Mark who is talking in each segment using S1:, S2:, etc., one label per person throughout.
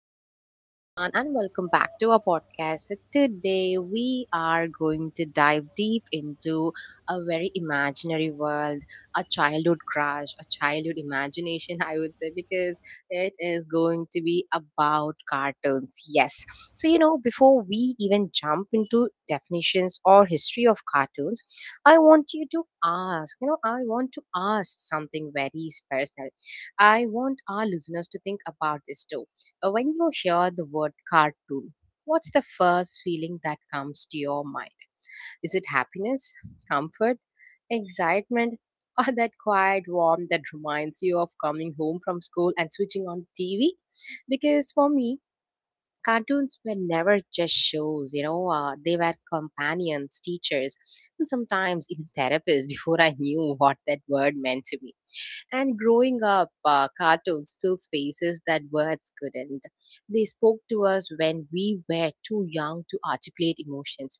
S1: Hello, everyone, and welcome back to our podcast. Today, we are going to dive deep into a very imaginary world, a childhood crush, a childhood imagination, I would say, because it is going to be about cartoons. Yes. So, you know, before we even jump into definitions or history of cartoons, I want to ask something very personal. I want our listeners to think about this too. When you hear the word cartoon, what's the first feeling that comes to your mind? Is it happiness, comfort, excitement, or that quiet warmth that reminds you of coming home from school and switching on the TV? Because for me, cartoons were never just shows, they were companions, teachers, and sometimes even therapists before I knew what that word meant to me. And growing up, cartoons filled spaces that words couldn't. They spoke to us when we were too young to articulate emotions.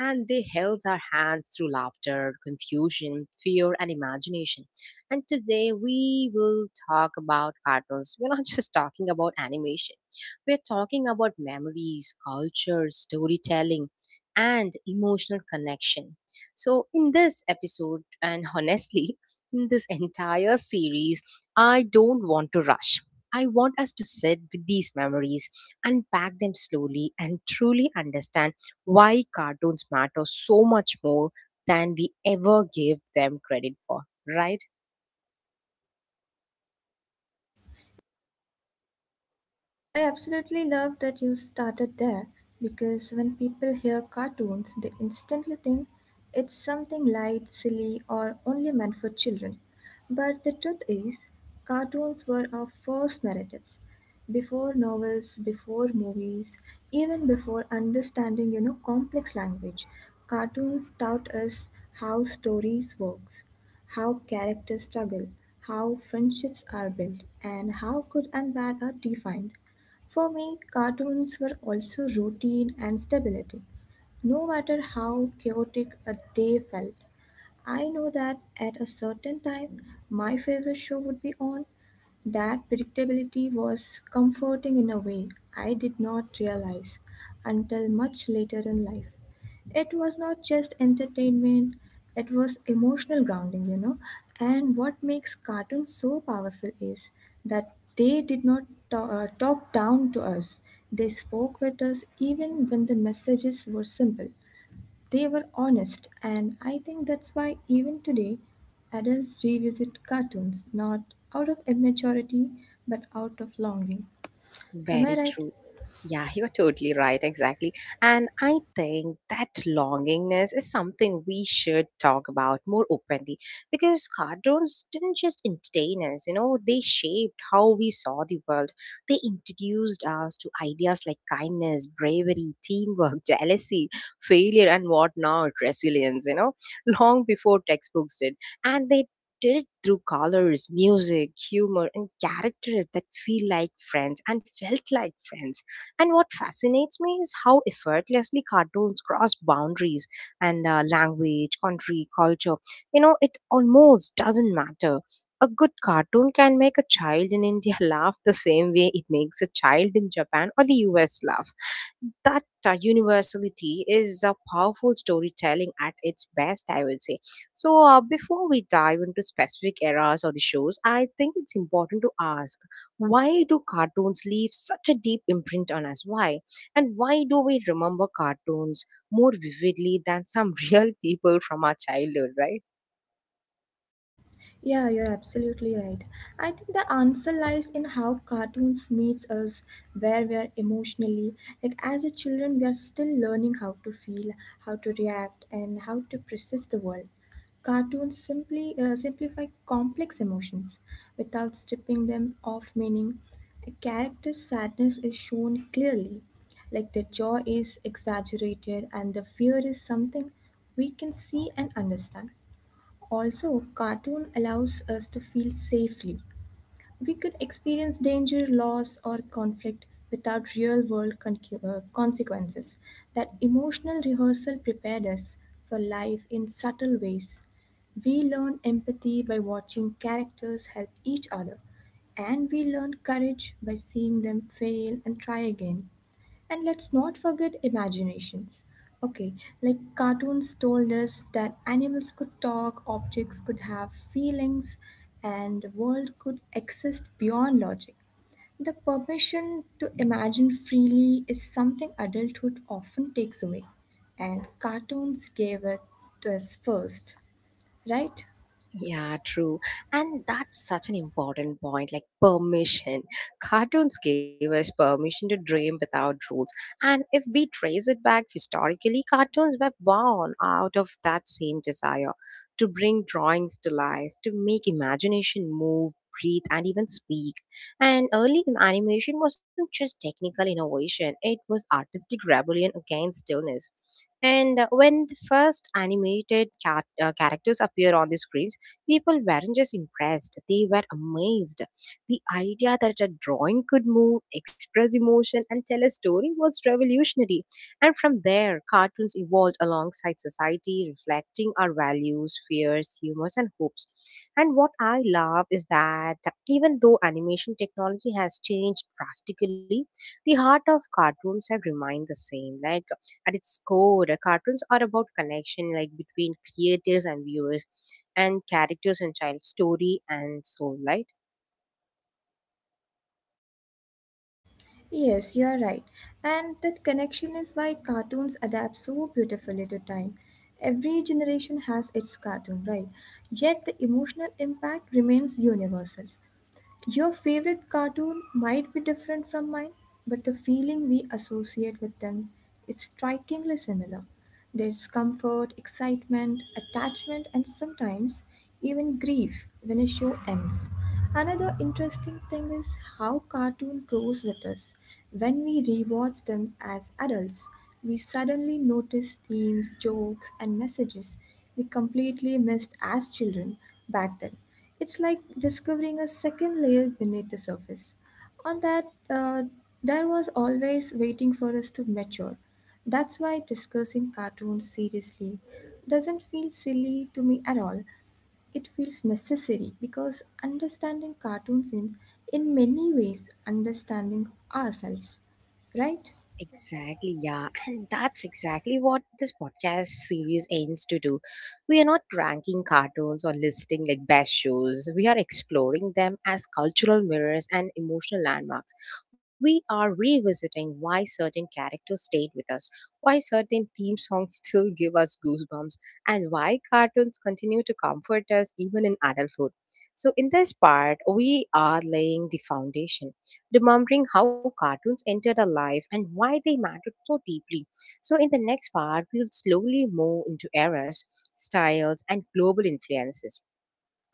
S1: And they held our hands through laughter, confusion, fear, and imagination. And today we will talk about cartoons. We're not just talking about animation, we're talking about memories, culture, storytelling, and emotional connection. So, in this episode, and honestly, in this entire series, I don't want to rush. I want us to sit with these memories, unpack them slowly, and truly understand why cartoons matter so much more than we ever give them credit for, right?
S2: I absolutely love that you started there because when people hear cartoons, they instantly think it's something light, silly, or only meant for children. But the truth is, cartoons were our first narratives. Before novels, before movies, even before understanding, complex language, cartoons taught us how stories works, how characters struggle, how friendships are built, and how good and bad are defined. For me, cartoons were also routine and stability. No matter how chaotic a day felt, I know that at a certain time my favorite show would be on. That predictability was comforting in a way I did not realize until much later in life. It was not just entertainment, it was emotional grounding. And what makes cartoons so powerful is that they did not talk down to us, they spoke with us even when the messages were simple. They were honest, and I think that's why even today adults revisit cartoons not out of immaturity but out of longing. Am I
S1: Very
S2: right?
S1: true. Yeah, you're totally right. Exactly. And I think that longingness is something we should talk about more openly because cartoons didn't just entertain us, you know, they shaped how we saw the world. They introduced us to ideas like kindness, bravery, teamwork, jealousy, failure, and whatnot, resilience, you know, long before textbooks did. And they did it through colors, music, humor, and characters that feel like friends and felt like friends. And what fascinates me is how effortlessly cartoons cross boundaries and language, country, culture. You know, it almost doesn't matter. A good cartoon can make a child in India laugh the same way it makes a child in Japan or the US laugh. That universality is a powerful storytelling at its best, I would say. So, before we dive into specific eras or the shows, I think it's important to ask, why do cartoons leave such a deep imprint on us? Why? And why do we remember cartoons more vividly than some real people from our childhood, right?
S2: Yeah, you're absolutely right. I think the answer lies in how cartoons meets us where we are emotionally. Like as a children, we are still learning how to feel, how to react, and how to process the world. Cartoons simply simplify complex emotions without stripping them of meaning. A character's sadness is shown clearly, like the joy is exaggerated and the fear is something we can see and understand also, cartoon allows us to feel safely. We could experience danger, loss, or conflict without real world consequences. That emotional rehearsal prepared us for life in subtle ways. We learn empathy by watching characters help each other, and we learn courage by seeing them fail and try again. And let's not forget imaginations. Okay, like cartoons told us that animals could talk, objects could have feelings, and the world could exist beyond logic. The permission to imagine freely is something adulthood often takes away, and cartoons gave it to us first, right?
S1: Yeah, true. And that's such an important point, like permission. Cartoons gave us permission to dream without rules. And if we trace it back historically, cartoons were born out of that same desire to bring drawings to life, to make imagination move, breathe, and even speak. And early animation wasn't just technical innovation, it was artistic rebellion against stillness. And when the first animated characters appear on the screens, people weren't just impressed, they were amazed. The idea that a drawing could move, express emotion, and tell a story was revolutionary. And from there, cartoons evolved alongside society, reflecting our values, fears, humors, and hopes. And what I love is that even though animation technology has changed drastically, the heart of cartoons have remained the same. Like at its core, cartoons are about connection, like between creators and viewers and characters and child story and soul life.
S2: Yes, you are right. And that connection is why cartoons adapt so beautifully to time. Every generation has its cartoon, right? Yet the emotional impact remains universal. Your favorite cartoon might be different from mine, but the feeling we associate with them is strikingly similar. There's comfort, excitement, attachment, and sometimes even grief when a show ends. Another interesting thing is how cartoon grows with us. When we rewatch them as adults, we suddenly notice themes, jokes, and messages we completely missed as children back then. It's like discovering a second layer beneath the surface on that there was always waiting for us to mature. That's why discussing cartoons seriously doesn't feel silly to me at all. It feels necessary because understanding cartoons is in many ways understanding ourselves, right?
S1: Exactly, yeah. And that's exactly what this podcast series aims to do. We are not ranking cartoons or listing like best shows. We are exploring them as cultural mirrors and emotional landmarks. We are revisiting why certain characters stayed with us, why certain theme songs still give us goosebumps, and why cartoons continue to comfort us even in adulthood. So, in this part, we are laying the foundation, remembering how cartoons entered our life and why they mattered so deeply. So, in the next part, we'll slowly move into eras, styles, and global influences,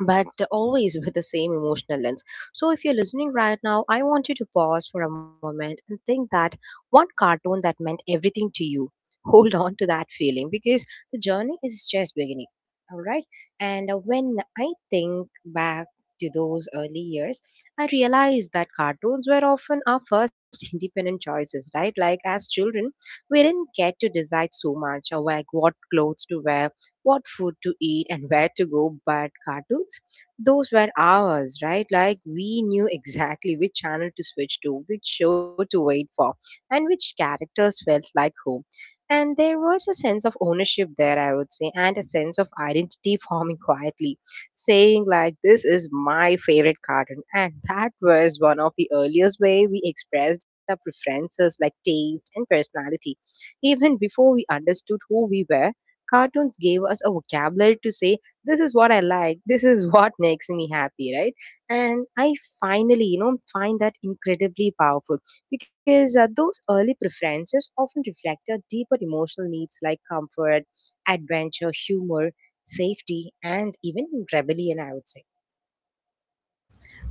S1: but always with the same emotional lens. So, if you're listening right now, I want you to pause for a moment and think that one cartoon that meant everything to you. Hold on to that feeling because the journey is just beginning. All right. And when I think back to those early years, I realized that cartoons were often our first independent choices, right? Like, as children, we didn't get to decide so much, or like what clothes to wear, what food to eat, and where to go, but cartoons, those were ours, right? Like we knew exactly which channel to switch to, which show to wait for, and which characters felt like whom. And there was a sense of ownership there, I would say, and a sense of identity forming quietly, saying like this is my favorite cartoon. And that was one of the earliest way we expressed our preferences like taste and personality, even before we understood who we were. Cartoons gave us a vocabulary to say, this is what I like, this is what makes me happy, right? And I finally, you know, find that incredibly powerful because those early preferences often reflect our deeper emotional needs like comfort, adventure, humor, safety, and even rebellion, I would say.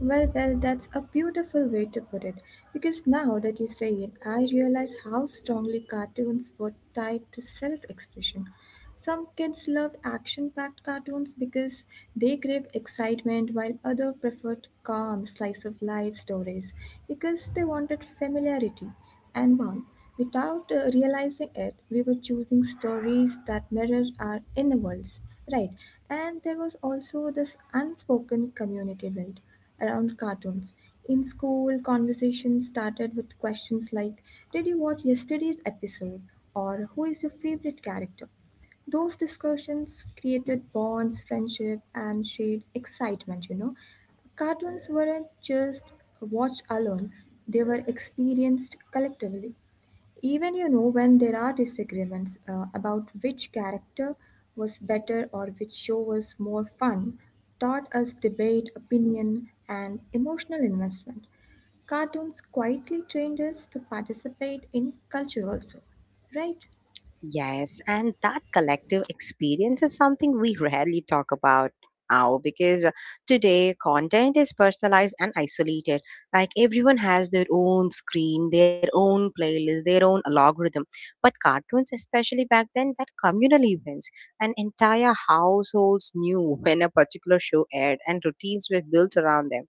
S2: Well, that's a beautiful way to put it because now that you say it I realize how strongly cartoons were tied to self-expression. Some kids loved action packed cartoons because they craved excitement, while others preferred calm, slice of life stories because they wanted familiarity and warmth. Without realizing it, we were choosing stories that mirror our inner worlds. Right, and there was also this unspoken community built around cartoons. In school, conversations started with questions like, "Did you watch yesterday's episode?" or "Who is your favorite character?" Those discussions created bonds, friendship, and shared excitement. Cartoons weren't just watched alone, they were experienced collectively. Even, when there are disagreements about which character was better or which show was more fun, taught us debate, opinion, and emotional investment. Cartoons quietly trained us to participate in culture also, right?
S1: Yes, and that collective experience is something we rarely talk about now because today content is personalized and isolated. Like everyone has their own screen, their own playlist, their own algorithm. But cartoons, especially back then, were communal events. And entire households knew when a particular show aired, and routines were built around them.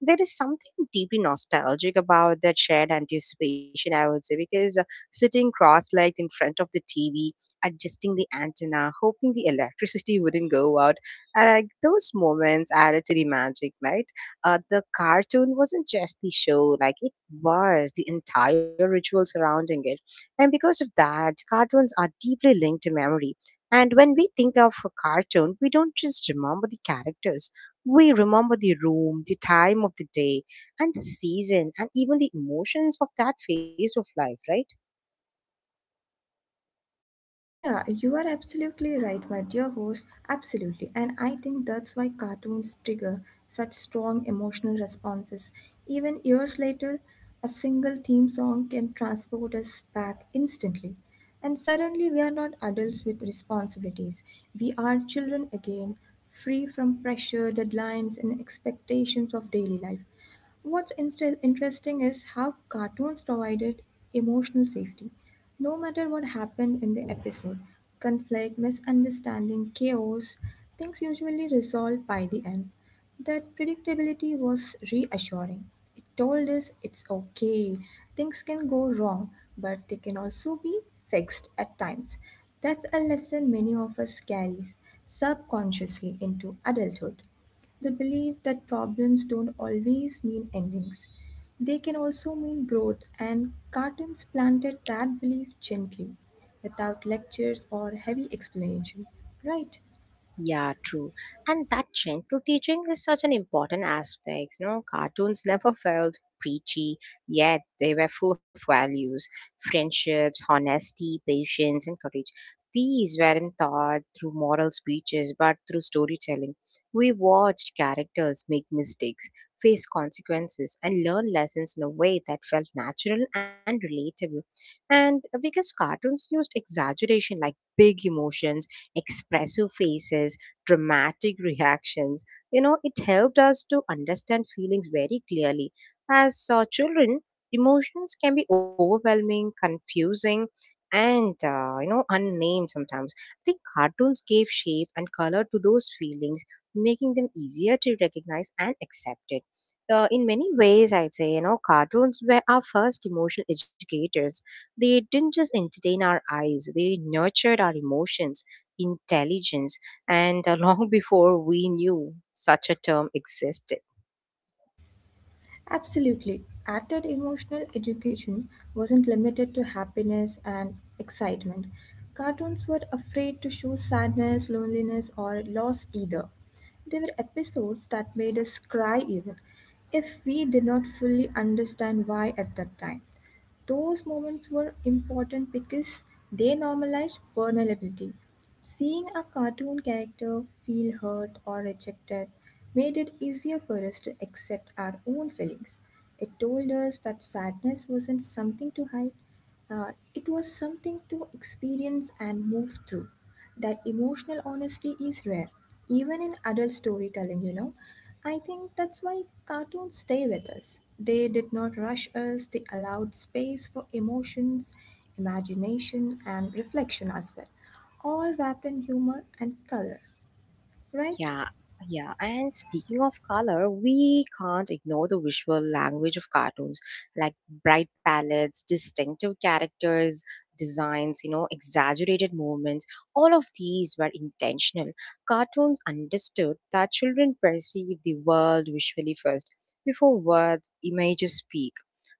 S1: There is something deeply nostalgic about that shared anticipation, I would say, because sitting cross legged in front of the TV, adjusting the antenna, hoping the electricity wouldn't go out. And like those moments added to the magic, right? The cartoon wasn't just the show, like it was the entire ritual surrounding it. And because of that, cartoons are deeply linked to memory. And when we think of a cartoon, we don't just remember the characters. We remember the room, the time of the day, and the season, and even the emotions of that phase of life, right?
S2: Yeah, you are absolutely right, my dear host. Absolutely. And I think that's why cartoons trigger such strong emotional responses. Even years later, a single theme song can transport us back instantly. And suddenly, we are not adults with responsibilities. We are children again, free from pressure, deadlines, and expectations of daily life. What's inst interesting is how cartoons provided emotional safety. No matter what happened in the episode, conflict, misunderstanding, chaos, things usually resolved by the end. That predictability was reassuring. It told us it's okay, things can go wrong, but they can also be fixed at times. That's a lesson many of us carry subconsciously into adulthood, the belief that problems don't always mean endings. They can also mean growth, and Cartons planted that belief gently, without lectures or heavy explanation, right?
S1: Yeah, true. And that gentle teaching is such an important aspect. You know, cartoons never felt preachy, yet they were full of values, friendships, honesty, patience, and courage. These weren't taught through moral speeches, but through storytelling. We watched characters make mistakes, face consequences, and learn lessons in a way that felt natural and relatable. And because cartoons used exaggeration like big emotions, expressive faces, dramatic reactions. You know, it helped us to understand feelings very clearly. As children, emotions can be overwhelming, confusing, and you know, unnamed sometimes. I think cartoons gave shape and color to those feelings, making them easier to recognize and accept it. In many ways, I'd say, you know, cartoons were our first emotional educators, they didn't just entertain our eyes, they nurtured our emotions intelligence, and long before we knew such a term existed.
S2: Absolutely. At that emotional education wasn't limited to happiness and excitement. Cartoons were afraid to show sadness, loneliness, or loss either. There were episodes that made us cry even if we did not fully understand why at that time. Those moments were important because they normalized vulnerability. Seeing a cartoon character feel hurt or rejected made it easier for us to accept our own feelings. It told us that sadness wasn't something to hide, it was something to experience and move through. That emotional honesty is rare, even in adult storytelling. I think that's why cartoons stay with us. They did not rush us, they allowed space for emotions, imagination, and reflection as well, all wrapped in humor and color, right?
S1: Yeah, yeah. And speaking of color, we can't ignore the visual language of cartoons, like bright palettes, distinctive characters, designs, you know, exaggerated movements. All of these were intentional. Cartoons understood that children perceive the world visually first, before words, images speak.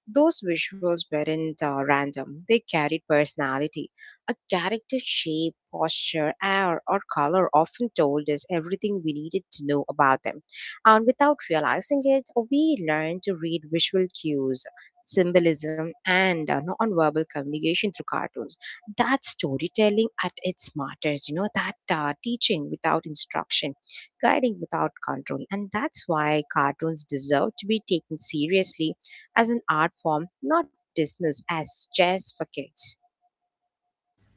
S1: Those visuals weren't random. They carried personality, a character's shape, posture, air, or color often told us everything we needed to know about them. And without realizing it, we learn to read visual cues, symbolism, and nonverbal communication through cartoons. That storytelling at its smartest, you know, that teaching without instruction, guiding without control. And that's why cartoons deserve to be taken seriously as an art form, not dismissed as just for kids.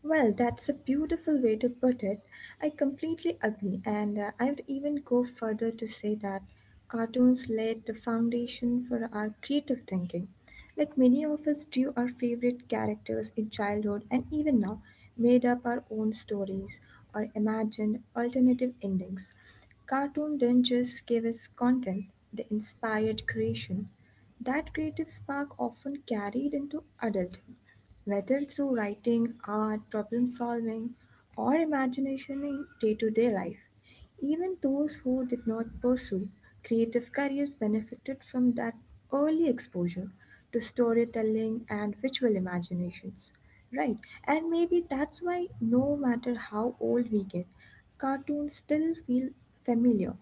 S2: Well, that's a beautiful way to put it. I completely agree, and I would even go further to say that cartoons laid the foundation for our creative thinking. Like many of us drew our favorite characters in childhood and even now, made up our own stories or imagined alternative endings. Cartoon didn't just give us content, they inspired creation. That creative spark often carried into adulthood. Whether through writing, art, problem solving, or imagination in day to day life, even those who did not pursue creative careers benefited from that early exposure to storytelling and visual imaginations. Right, and maybe that's why, no matter how old we get, cartoons still feel familiar.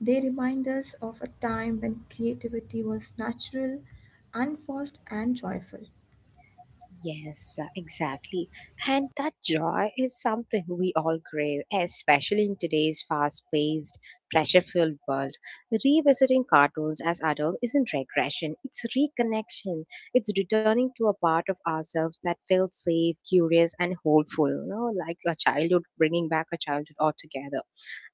S2: They remind us of a time when creativity was natural, unforced, and joyful.
S1: Yes, exactly. And that joy is something we all crave, especially in today's fast paced, pressure filled world. Revisiting cartoons as adults isn't regression, it's reconnection. It's returning to a part of ourselves that felt safe, curious, and hopeful, you know, like a childhood, bringing back a childhood altogether.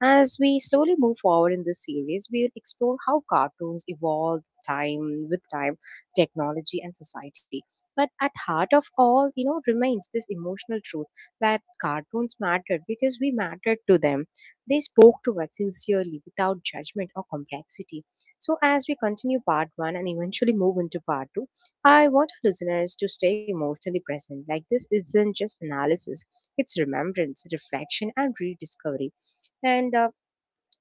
S1: As we slowly move forward in this series, we will explore how cartoons evolve time with time, technology, and society, but at heart of all, you know, remains this emotional truth that cartoons mattered because we mattered to them. They spoke to us sincerely without judgment or complexity. So as we continue part one and eventually move into part two, I want our listeners to stay emotionally present. Like this isn't just analysis, it's remembrance, reflection, and rediscovery. And uh,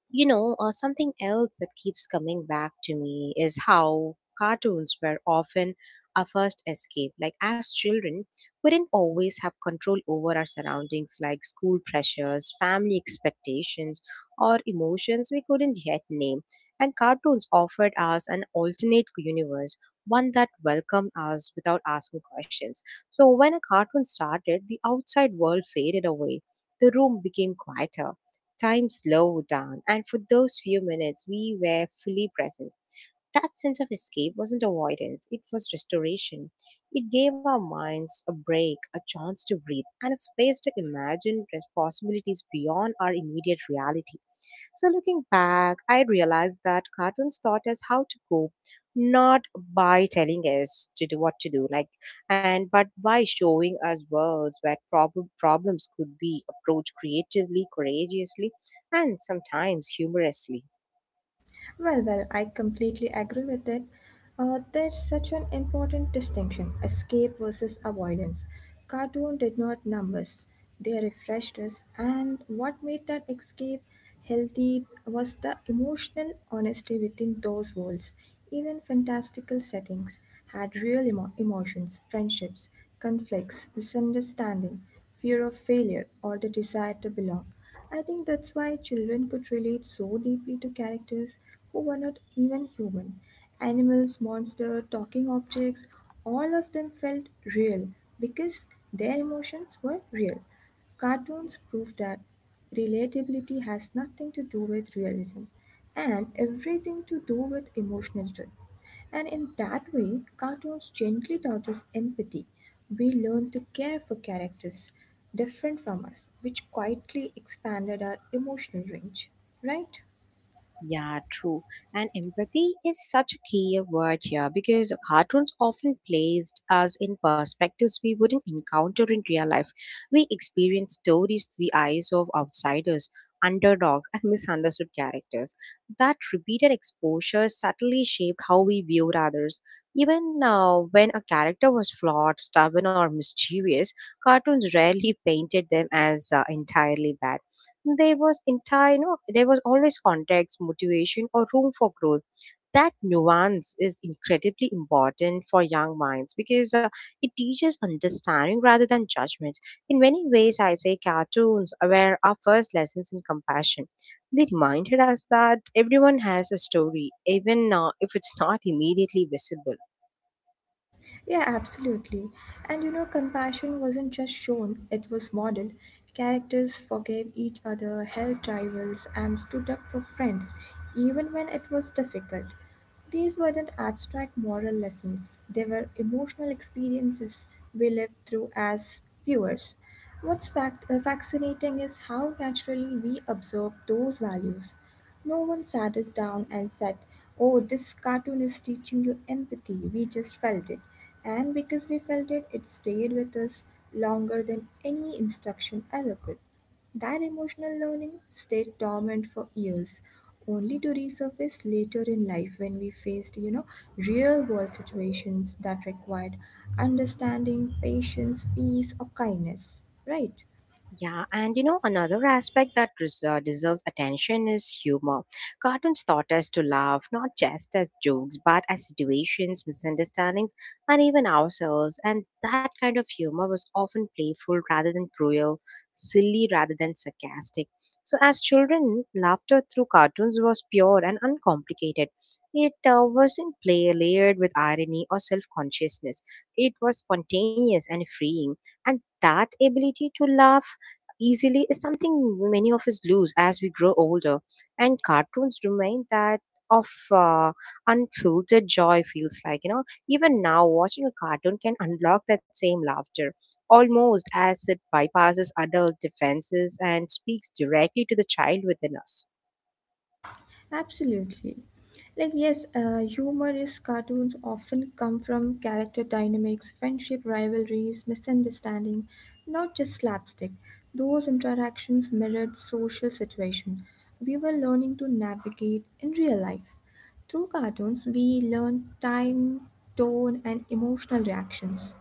S1: you know, uh, something else that keeps coming back to me is how cartoons were often our first escape. Like, as children, we didn't always have control over our surroundings, like school pressures, family expectations, or emotions we couldn't yet name. And cartoons offered us an alternate universe, one that welcomed us without asking questions. So, when a cartoon started, the outside world faded away, the room became quieter. Time slowed down, and for those few minutes, we were fully present. That sense of escape wasn't avoidance, it was restoration. It gave our minds a break, a chance to breathe, and a space to imagine possibilities beyond our immediate reality. So, looking back, I realized that cartoons taught us how to cope, not by telling us to do what to do, like, and but by showing us worlds where problems could be approached creatively, courageously, and sometimes humorously.
S2: Well, I completely agree with it. There's such an important distinction, escape versus avoidance. Cartoon did not numb us, they refreshed us, and what made that escape healthy was the emotional honesty within those worlds. Even fantastical settings had real emotions, friendships, conflicts, misunderstanding, fear of failure, or the desire to belong. I think that's why children could relate so deeply to characters who were not even human. Animals, monsters, talking objects, all of them felt real because their emotions were real. Cartoons prove that relatability has nothing to do with realism and everything to do with emotional truth. And in that way, cartoons gently taught us empathy. We learned to care for characters different from us, which quietly expanded our emotional range. Right?
S1: Yeah, true. And empathy is such a key word here because cartoons often placed us in perspectives we wouldn't encounter in real life. We experience stories through the eyes of outsiders, underdogs, and misunderstood characters. That repeated exposure subtly shaped how we viewed others. Even when a character was flawed, stubborn, or mischievous, cartoons rarely painted them as entirely bad. There was entire you know There was always context, motivation, or room for growth. That nuance is incredibly important for young minds because it teaches understanding rather than judgment. In many ways, I say cartoons were our first lessons in compassion. They reminded us that everyone has a story, even if it's not immediately visible.
S2: Yeah, absolutely. And you know, compassion wasn't just shown, it was modeled. Characters forgave each other, helped rivals, and stood up for friends, even when it was difficult. These weren't abstract moral lessons, they were emotional experiences we lived through as viewers. What's fascinating is how naturally we observe those values. No one sat us down and said, "Oh, this cartoon is teaching you empathy." We just felt it. And because we felt it, it stayed with us longer than any instruction ever could. That emotional learning stayed dormant for years, only to resurface later in life when we faced, real world situations that required understanding, patience, peace, or kindness, right?
S1: Yeah, and another aspect that deserves attention is humor. Cartoons taught us to laugh not just as jokes, but as situations, misunderstandings, and even ourselves. And that kind of humor was often playful rather than cruel, silly rather than sarcastic. So, as children, laughter through cartoons was pure and uncomplicated. It wasn't play layered with irony or self consciousness, it was spontaneous and freeing. And that ability to laugh easily is something many of us lose as we grow older, and cartoons remind that of unfiltered joy feels like, even now watching a cartoon can unlock that same laughter, almost as it bypasses adult defenses and speaks directly to the child within us.
S2: Absolutely. Like, yes, humorous cartoons often come from character dynamics, friendship rivalries, misunderstanding, not just slapstick. Those interactions mirrored social situation we were learning to navigate in real life. Through cartoons, we learned time, tone, and emotional reactions.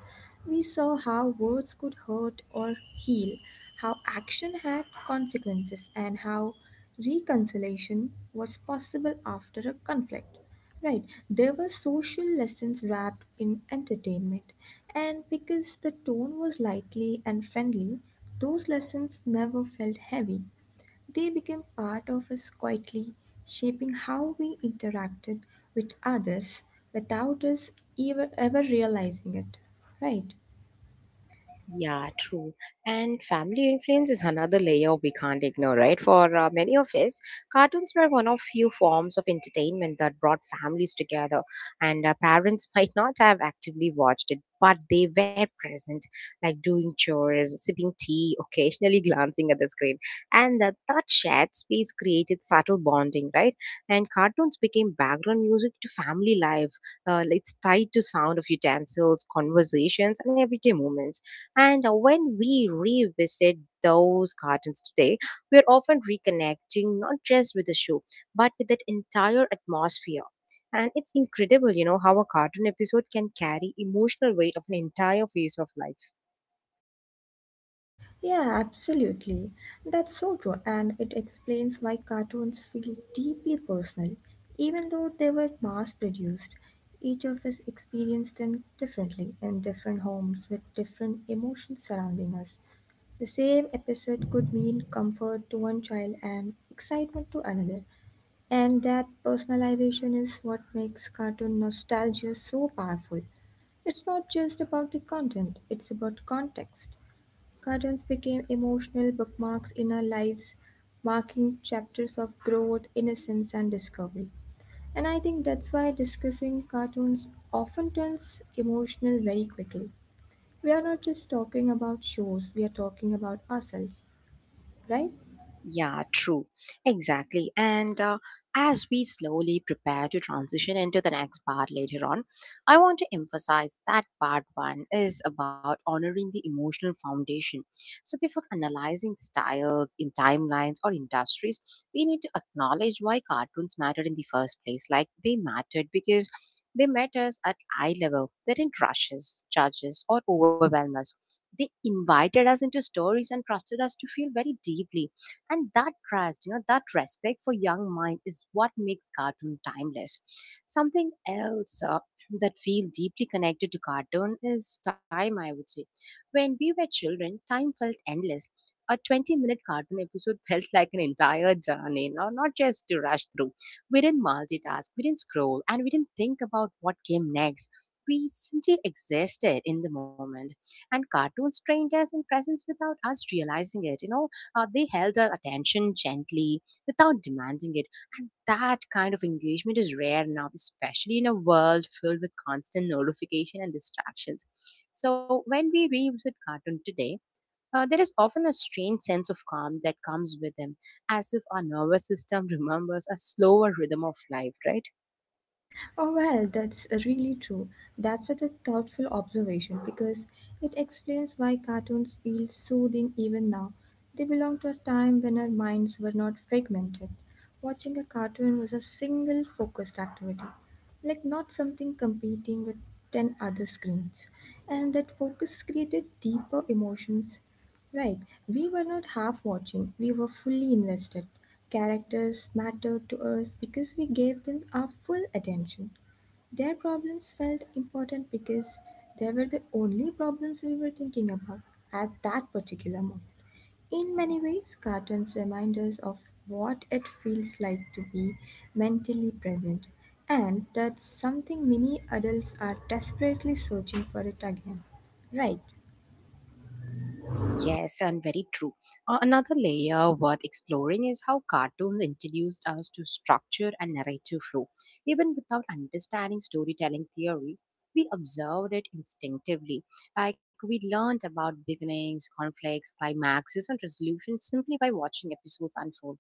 S2: We saw how words could hurt or heal, how action had consequences, and how reconciliation was possible after a conflict. Right, there were social lessons wrapped in entertainment, and because the tone was lightly and friendly, those lessons never felt heavy. They became part of us quietly, shaping how we interacted with others without us ever realizing it. Right.
S1: Yeah, true. And family influence is another layer we can't ignore, right? For many of us, cartoons were one of few forms of entertainment that brought families together. And parents might not have actively watched it, but they were present, like doing chores, sipping tea, occasionally glancing at the screen. And that shared space created subtle bonding, right? And cartoons became background music to family life. Like it's tied to sound of utensils, conversations, and everyday moments. And when we revisit those gardens today, we are often reconnecting not just with the show, but with that entire atmosphere. And it's incredible, how a cartoon episode can carry emotional weight of an entire phase of life.
S2: Yeah, absolutely. That's so true, and it explains why cartoons feel deeply personal. Even though they were mass produced, each of us experienced them differently in different homes with different emotions surrounding us. The same episode could mean comfort to one child and excitement to another. And that personalization is what makes cartoon nostalgia so powerful. It's not just about the content, it's about context. Cartoons became emotional bookmarks in our lives, marking chapters of growth, innocence, and discovery. And I think that's why discussing cartoons often turns emotional very quickly. We are not just talking about shows, we are talking about ourselves, right?
S1: Yeah, true. Exactly. And as we slowly prepare to transition into the next part later on, I want to emphasize that part one is about honoring the emotional foundation. So, before analyzing styles, in timelines, or industries, we need to acknowledge why cartoons mattered in the first place. Like they mattered because they met us at eye level, they didn't rush us, judge us, or overwhelm us. They invited us into stories and trusted us to feel very deeply, and that trust, that respect for young mind is what makes cartoon timeless. Something else that feel deeply connected to cartoon is time, I would say. When we were children, time felt endless. A 20-minute cartoon episode felt like an entire journey, no, not just to rush through. We didn't multitask, we didn't scroll, and we didn't think about what came next. We simply existed in the moment, and cartoons trained us in presence without us realizing it. They held our attention gently without demanding it. And that kind of engagement is rare now, especially in a world filled with constant notification and distractions. So when we revisit cartoon today, there is often a strange sense of calm that comes with them, as if our nervous system remembers a slower rhythm of life, right?
S2: Oh, well, that's really true. That's such a thoughtful observation because it explains why cartoons feel soothing even now. They belong to a time when our minds were not fragmented. Watching a cartoon was a single focused activity, like not something competing with 10 other screens. And that focus created deeper emotions. Right, we were not half watching, we were fully invested. Characters mattered to us because we gave them our full attention. Their problems felt important because they were the only problems we were thinking about at that particular moment. In many ways, cartoons remind us of what it feels like to be mentally present, and that's something many adults are desperately searching for it again. Right?
S1: Yes, and very true. Another layer worth exploring is how cartoons introduced us to structure and narrative flow. Even without understanding storytelling theory, we observed it instinctively. Like we learned about beginnings, conflicts, climaxes, and resolutions simply by watching episodes unfold.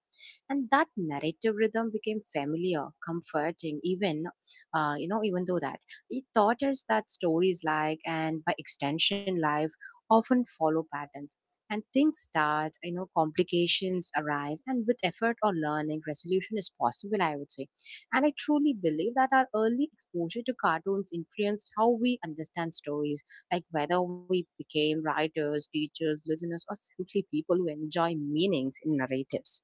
S1: And that narrative rhythm became familiar, comforting, even, even though that it taught us that stories, like, and by extension, life often follow patterns. And things start, complications arise, and with effort or learning, resolution is possible, I would say. And I truly believe that our early exposure to cartoons influenced how we understand stories, like whether we became writers, teachers, listeners, or simply people who enjoy meanings in narratives.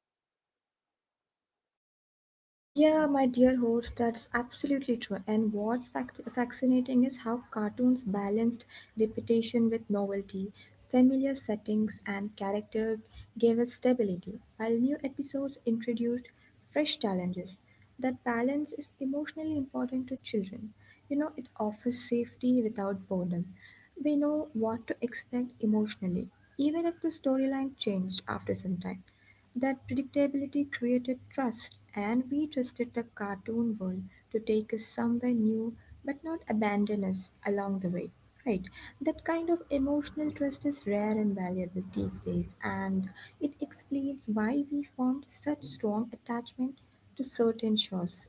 S2: Yeah, my dear host, that's absolutely true. And what's fascinating is how cartoons balanced repetition with novelty. Familiar settings and character gave us stability, while new episodes introduced fresh challenges. That balance is emotionally important to children. It offers safety without boredom. We know what to expect emotionally, even if the storyline changed after some time. That predictability created trust, and we trusted the cartoon world to take us somewhere new but not abandon us along the way. Right. That kind of emotional trust is rare and valuable these days, and it explains why we formed such strong attachment to certain shows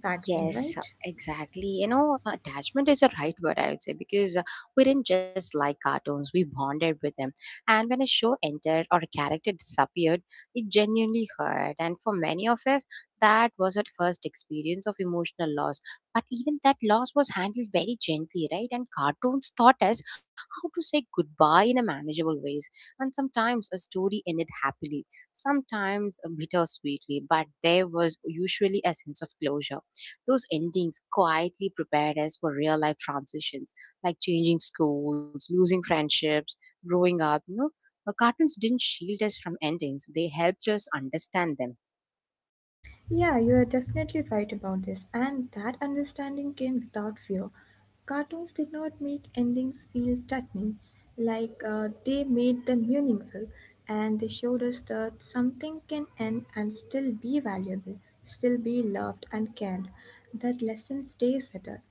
S2: back then,
S1: Yes,
S2: right?
S1: exactly. Attachment is a right word, I would say, because we didn't just like cartoons, we bonded with them. And when a show ended or a character disappeared, it genuinely hurt. And for many of us, that was our first experience of emotional loss. But even that loss was handled very gently, right? And cartoons taught us how to say goodbye in a manageable ways. And sometimes a story ended happily, sometimes bittersweetly, but there was usually a sense of closure. Those endings quietly prepared us for real life transitions, like changing schools, losing friendships, growing up. Cartoons didn't shield us from endings, they helped us understand them.
S2: Yeah, you are definitely right about this, and that understanding came without fear. Cartoons did not make endings feel threatening, like they made them meaningful, and they showed us that something can end and still be valuable, still be loved and cared. That lesson stays with us.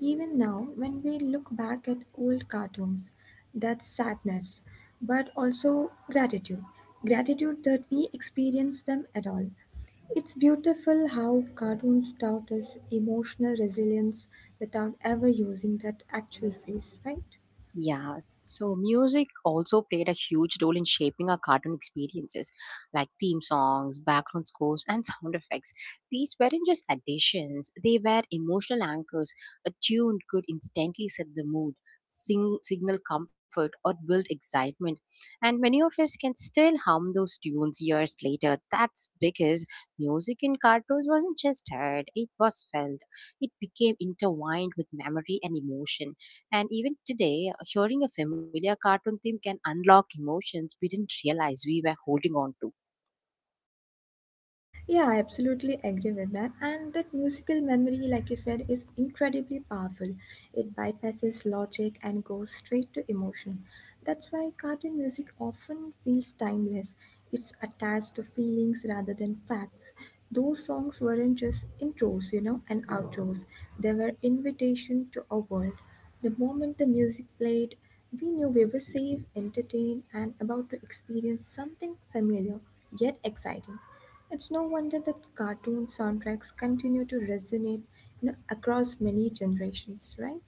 S2: Even now, when we look back at old cartoons, that's sadness, but also gratitude. Gratitude that we experienced them at all. It's beautiful how cartoons taught us emotional resilience without ever using that actual phrase, right?
S1: Yeah, so music also played a huge role in shaping our cartoon experiences, like theme songs, background scores, and sound effects. These weren't just additions, they were emotional anchors. A tune could instantly set the mood, signal comfort, or build excitement. And many of us can still hum those tunes years later. That's because music in cartoons wasn't just heard, it was felt. It became intertwined with memory and emotion, and even today, hearing a familiar cartoon theme can unlock emotions we didn't realize we were holding on to.
S2: Yeah, I absolutely agree with that. And that musical memory, like you said, is incredibly powerful. It bypasses logic and goes straight to emotion. That's why cartoon music often feels timeless. It's attached to feelings rather than facts. Those songs weren't just intros and outros. They were invitation to a world. The moment the music played, we knew we were safe, entertained, and about to experience something familiar yet exciting. It's no wonder that cartoon soundtracks continue to resonate across many generations, right?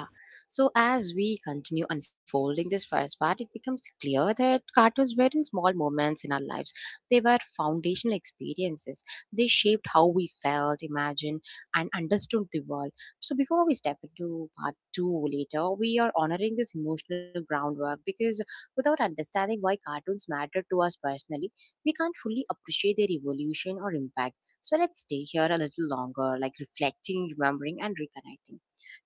S1: Yeah. So as we continue unfolding this first part, it becomes clear that cartoons weren't small moments in our lives. They were foundational experiences. They shaped how we felt, imagined, and understood the world. So before we step into part two later, we are honoring this emotional groundwork, because without understanding why cartoons matter to us personally, we can't fully appreciate their evolution or impact. So let's stay here a little longer, like reflecting, remembering, and reconnecting.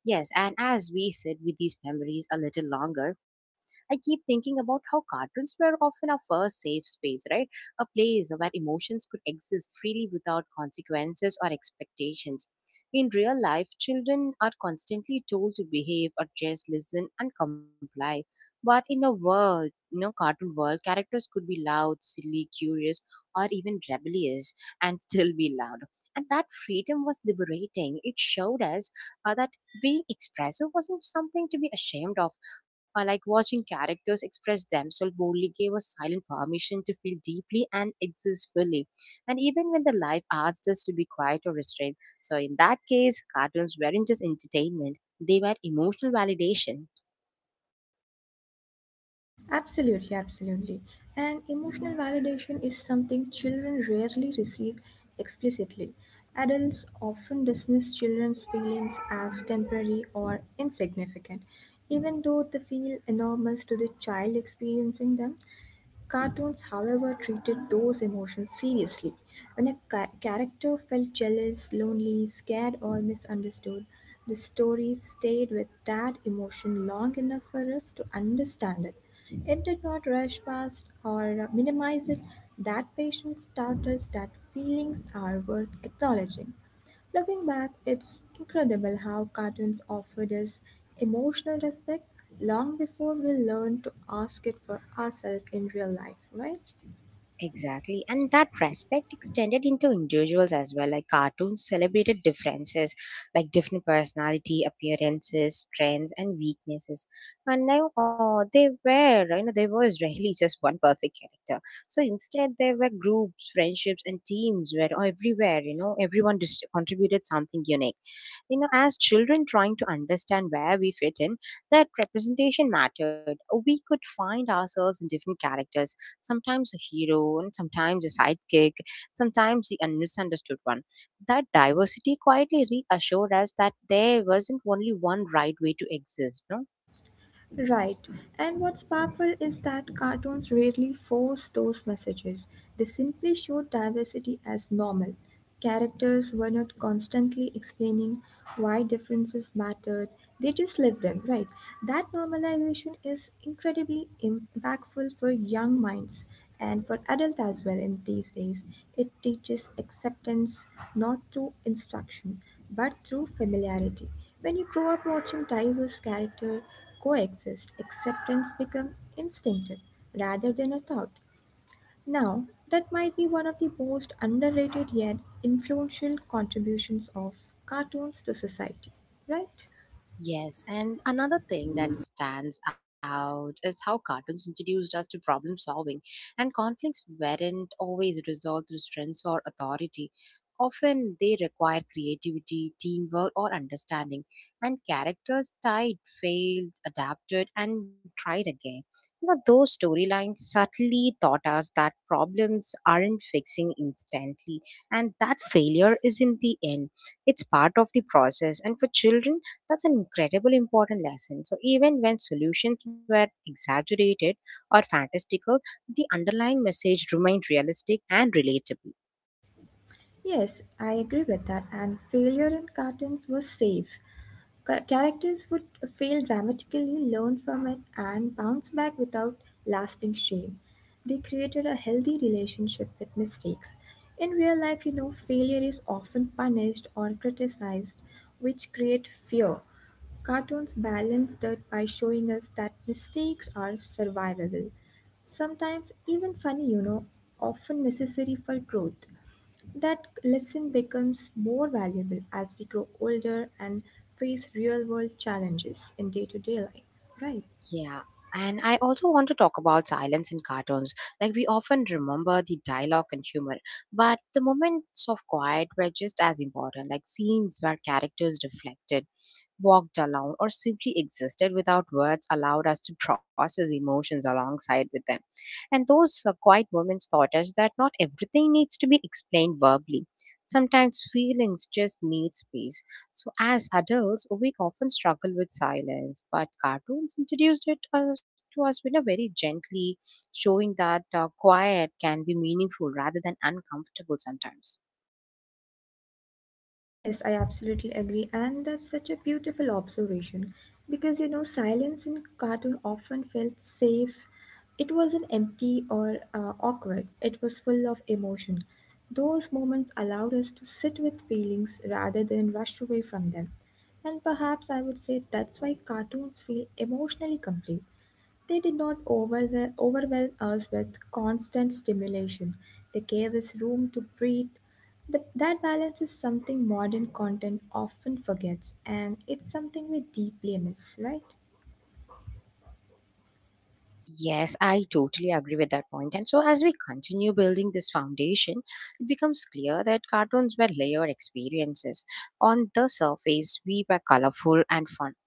S1: Yes, and as we sit with these memories a little longer, I keep thinking about how cartoons were often our first safe space, right? A place where emotions could exist freely without consequences or expectations. In real life, children are constantly told to behave or just listen and comply. But in a world, you know, cartoon world, characters could be loud, silly, curious, or even rebellious and still be loved. And that freedom was liberating. It showed us that being expressive wasn't something to be ashamed of. Like watching characters express themselves boldly gave us silent permission to feel deeply and exist fully. And even when the life asked us to be quiet or restrained. So, in that case, cartoons weren't just entertainment, they were emotional validation.
S2: Absolutely, absolutely. And emotional validation is something children rarely receive explicitly. Adults often dismiss children's feelings as temporary or insignificant, even though they feel enormous to the child experiencing them. Cartoons, however, treated those emotions seriously. When a character felt jealous, lonely, scared, or misunderstood, the story stayed with that emotion long enough for us to understand it. It did not rush past or minimize it. That patience taught us that feelings are worth acknowledging. Looking back, it's incredible how cartoons offered us emotional respect long before we learned to ask it for ourselves in real life, right?
S1: Exactly. And that respect extended into individuals as well. Like cartoons celebrated differences, like different personality, appearances, strengths, and weaknesses. And now they were, you know, there was rarely just one perfect character. So instead, there were groups, friendships, and teams where everyone just contributed something unique. As children trying to understand where we fit in, that representation mattered. We could find ourselves in different characters, sometimes a hero, and sometimes a sidekick, sometimes the misunderstood one. That diversity quietly reassured us that there wasn't only one right way to exist. No?
S2: Right. And what's powerful is that cartoons rarely force those messages. They simply show diversity as normal. Characters were not constantly explaining why differences mattered, they just lived them, right? That normalization is incredibly impactful for young minds and for adults as well in these days. It teaches acceptance not through instruction but through familiarity. When you grow up watching diverse characters coexist, acceptance becomes instinctive rather than a thought. Now, that might be one of the most underrated yet influential contributions of cartoons to society, right?
S1: Yes, and another thing that stands out is how cartoons introduced us to problem solving, and conflicts weren't always resolved through strength or authority. Often they require creativity, teamwork, or understanding, and characters tried, failed, adapted, and tried again. But those storylines subtly taught us that problems aren't fixing instantly, and that failure is in the end. It's part of the process, and for children, that's an incredibly important lesson. So, even when solutions were exaggerated or fantastical, the underlying message remained realistic and relatable.
S2: Yes, I agree with that, and failure in cartoons was safe. Characters would fail dramatically, learn from it, and bounce back without lasting shame. They created a healthy relationship with mistakes. In real life failure is often punished or criticized, which create fear. Cartoons balance that by showing us that mistakes are survivable, sometimes even funny often necessary for growth. That lesson becomes more valuable as we grow older and face real world challenges in day to day life, right?
S1: Yeah, and I also want to talk about silence in cartoons. Like, we often remember the dialogue and humor, but the moments of quiet were just as important, like scenes where characters reflected, walked alone, or simply existed without words allowed us to process emotions alongside with them. And those quiet moments taught us that not everything needs to be explained verbally. Sometimes feelings just need space. So, as adults, we often struggle with silence, but cartoons introduced it to us in a very gently, showing that quiet can be meaningful rather than uncomfortable sometimes.
S2: Yes, I absolutely agree, and that's such a beautiful observation because silence in cartoon often felt safe. It wasn't empty or awkward, it was full of emotion. Those moments allowed us to sit with feelings rather than rush away from them. And perhaps I would say that's why cartoons feel emotionally complete. They did not overwhelm us with constant stimulation. They gave us room to breathe. That balance is something modern content often forgets, and it's something we deeply miss, right?
S1: Yes, I totally agree with that point. And so, as we continue building this foundation, it becomes clear that cartoons were layered experiences. On the surface, we were colorful and fun.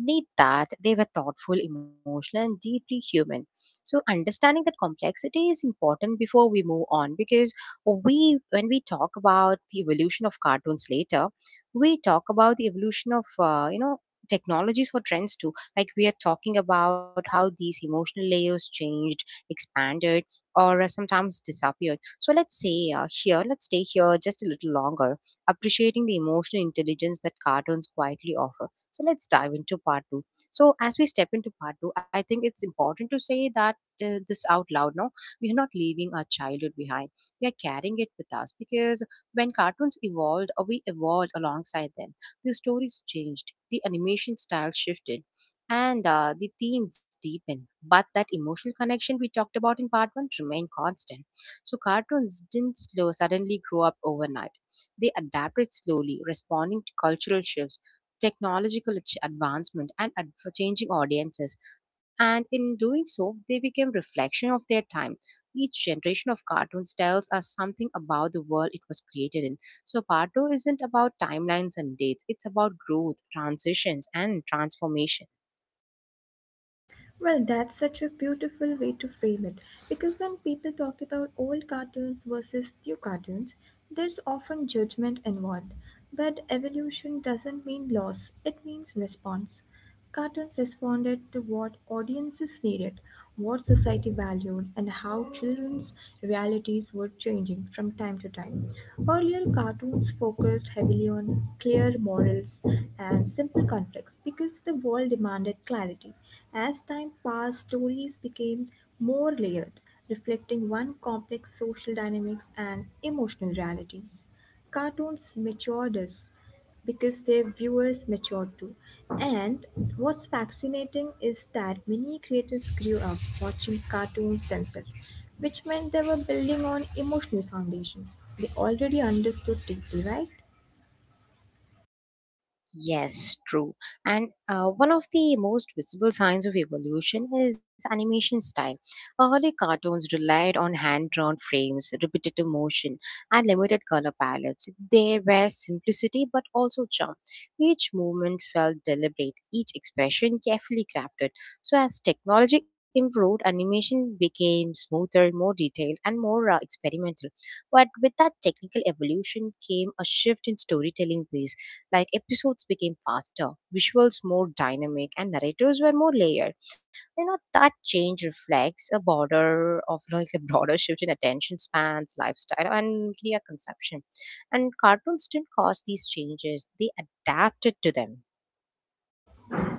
S1: Beneath that, they were thoughtful, emotional, and deeply human. So, understanding that complexity is important before we move on because when we talk about the evolution of cartoons later, we talk about the evolution of, technologies for trends too. Like we are talking about how these emotional layers changed, expanded, or sometimes disappeared. So let's say, here let's stay here just a little longer, appreciating the emotional intelligence that cartoons quietly offer. So let's dive into part 2. So as we step into part 2, I think it's important to say that this out loud. No, we are not leaving our childhood behind, we are carrying it with us. Because when cartoons evolved, or we evolved alongside them, the stories changed, the animation style shifted, and the themes deepen, but that emotional connection we talked about in part one remained constant. So cartoons didn't slow suddenly grow up overnight, they adapted slowly, responding to cultural shifts, advancement, and ad- for changing audiences. And in doing so they became reflection of their time. Each generation of cartoons tells us something about the world it was created in. So part two isn't about timelines and dates, it's about growth, transitions, and transformation.
S2: Well, that's such a beautiful way to frame it because when people talk about old cartoons versus new cartoons, there's often judgment involved. But evolution doesn't mean loss, it means response. Cartoons responded to what audiences needed, what society valued, and how children's realities were changing from time to time. Earlier cartoons focused heavily on clear morals and simple conflicts because the world demanded clarity. As time passed, stories became more layered, reflecting one complex social dynamics and emotional realities. Cartoons matured us because their viewers matured too. And what's fascinating is that many creators grew up watching cartoons themselves, which meant they were building on emotional foundations they already understood deeply, right?
S1: Yes, true. And one of the most visible signs of evolution is animation style. Early cartoons relied on hand drawn frames, repetitive motion, and limited color palettes. There were simplicity but also charm. Each movement felt deliberate, each expression carefully crafted. So, as technology improved, animation became smoother, more detailed, and more experimental. But with that technical evolution came a shift in storytelling ways, like episodes became faster, visuals more dynamic, and narrators were more layered. You know, that change reflects a border of like a broader shift in attention spans, lifestyle, and media consumption. And cartoons didn't cause these changes, they adapted to them.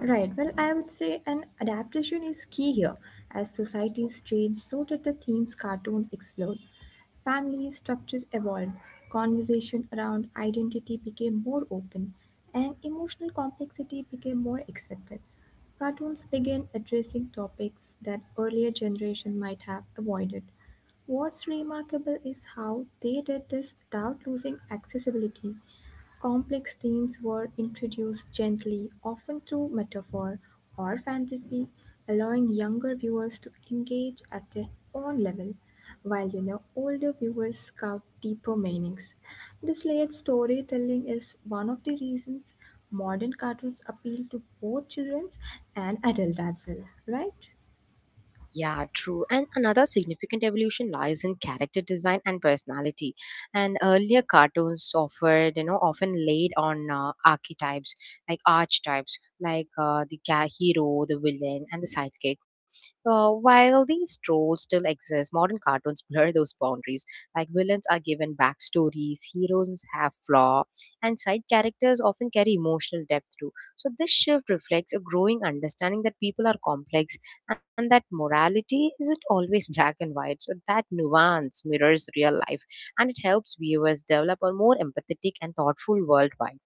S2: Right, well, I would say an adaptation is key here, as societies change, so did the themes cartoon explored. Family structures evolved, conversation around identity became more open, and emotional complexity became more accepted. Cartoons began addressing topics that earlier generation might have avoided. What's remarkable is how they did this without losing accessibility. Complex themes were introduced gently, often through metaphor or fantasy, allowing younger viewers to engage at their own level, while older viewers scout deeper meanings. This layered storytelling is one of the reasons modern cartoons appeal to both children and adults as well, right?
S1: Yeah, true. And another significant evolution lies in character design and personality. And earlier cartoons offered, you know, often laid on archetypes, like hero, the villain, and the sidekick. While these roles still exist, modern cartoons blur those boundaries. Like villains are given backstories, heroes have flaw, and side characters often carry emotional depth too. So this shift reflects a growing understanding that people are complex and that morality isn't always black and white. So that nuance mirrors real life and it helps viewers develop a more empathetic and thoughtful worldwide.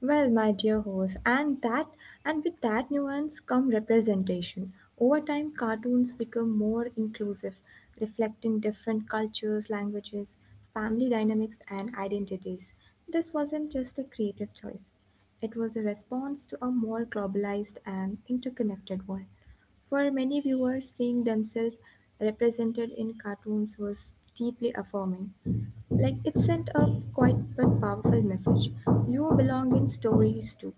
S2: Well, my dear host, and with that nuance come representation. Over time, cartoons become more inclusive, reflecting different cultures, languages, family dynamics, and identities. This wasn't just a creative choice. It was a response to a more globalized and interconnected world. For many viewers, seeing themselves represented in cartoons was deeply affirming. Like it sent a quite but powerful message. You belong in stories too.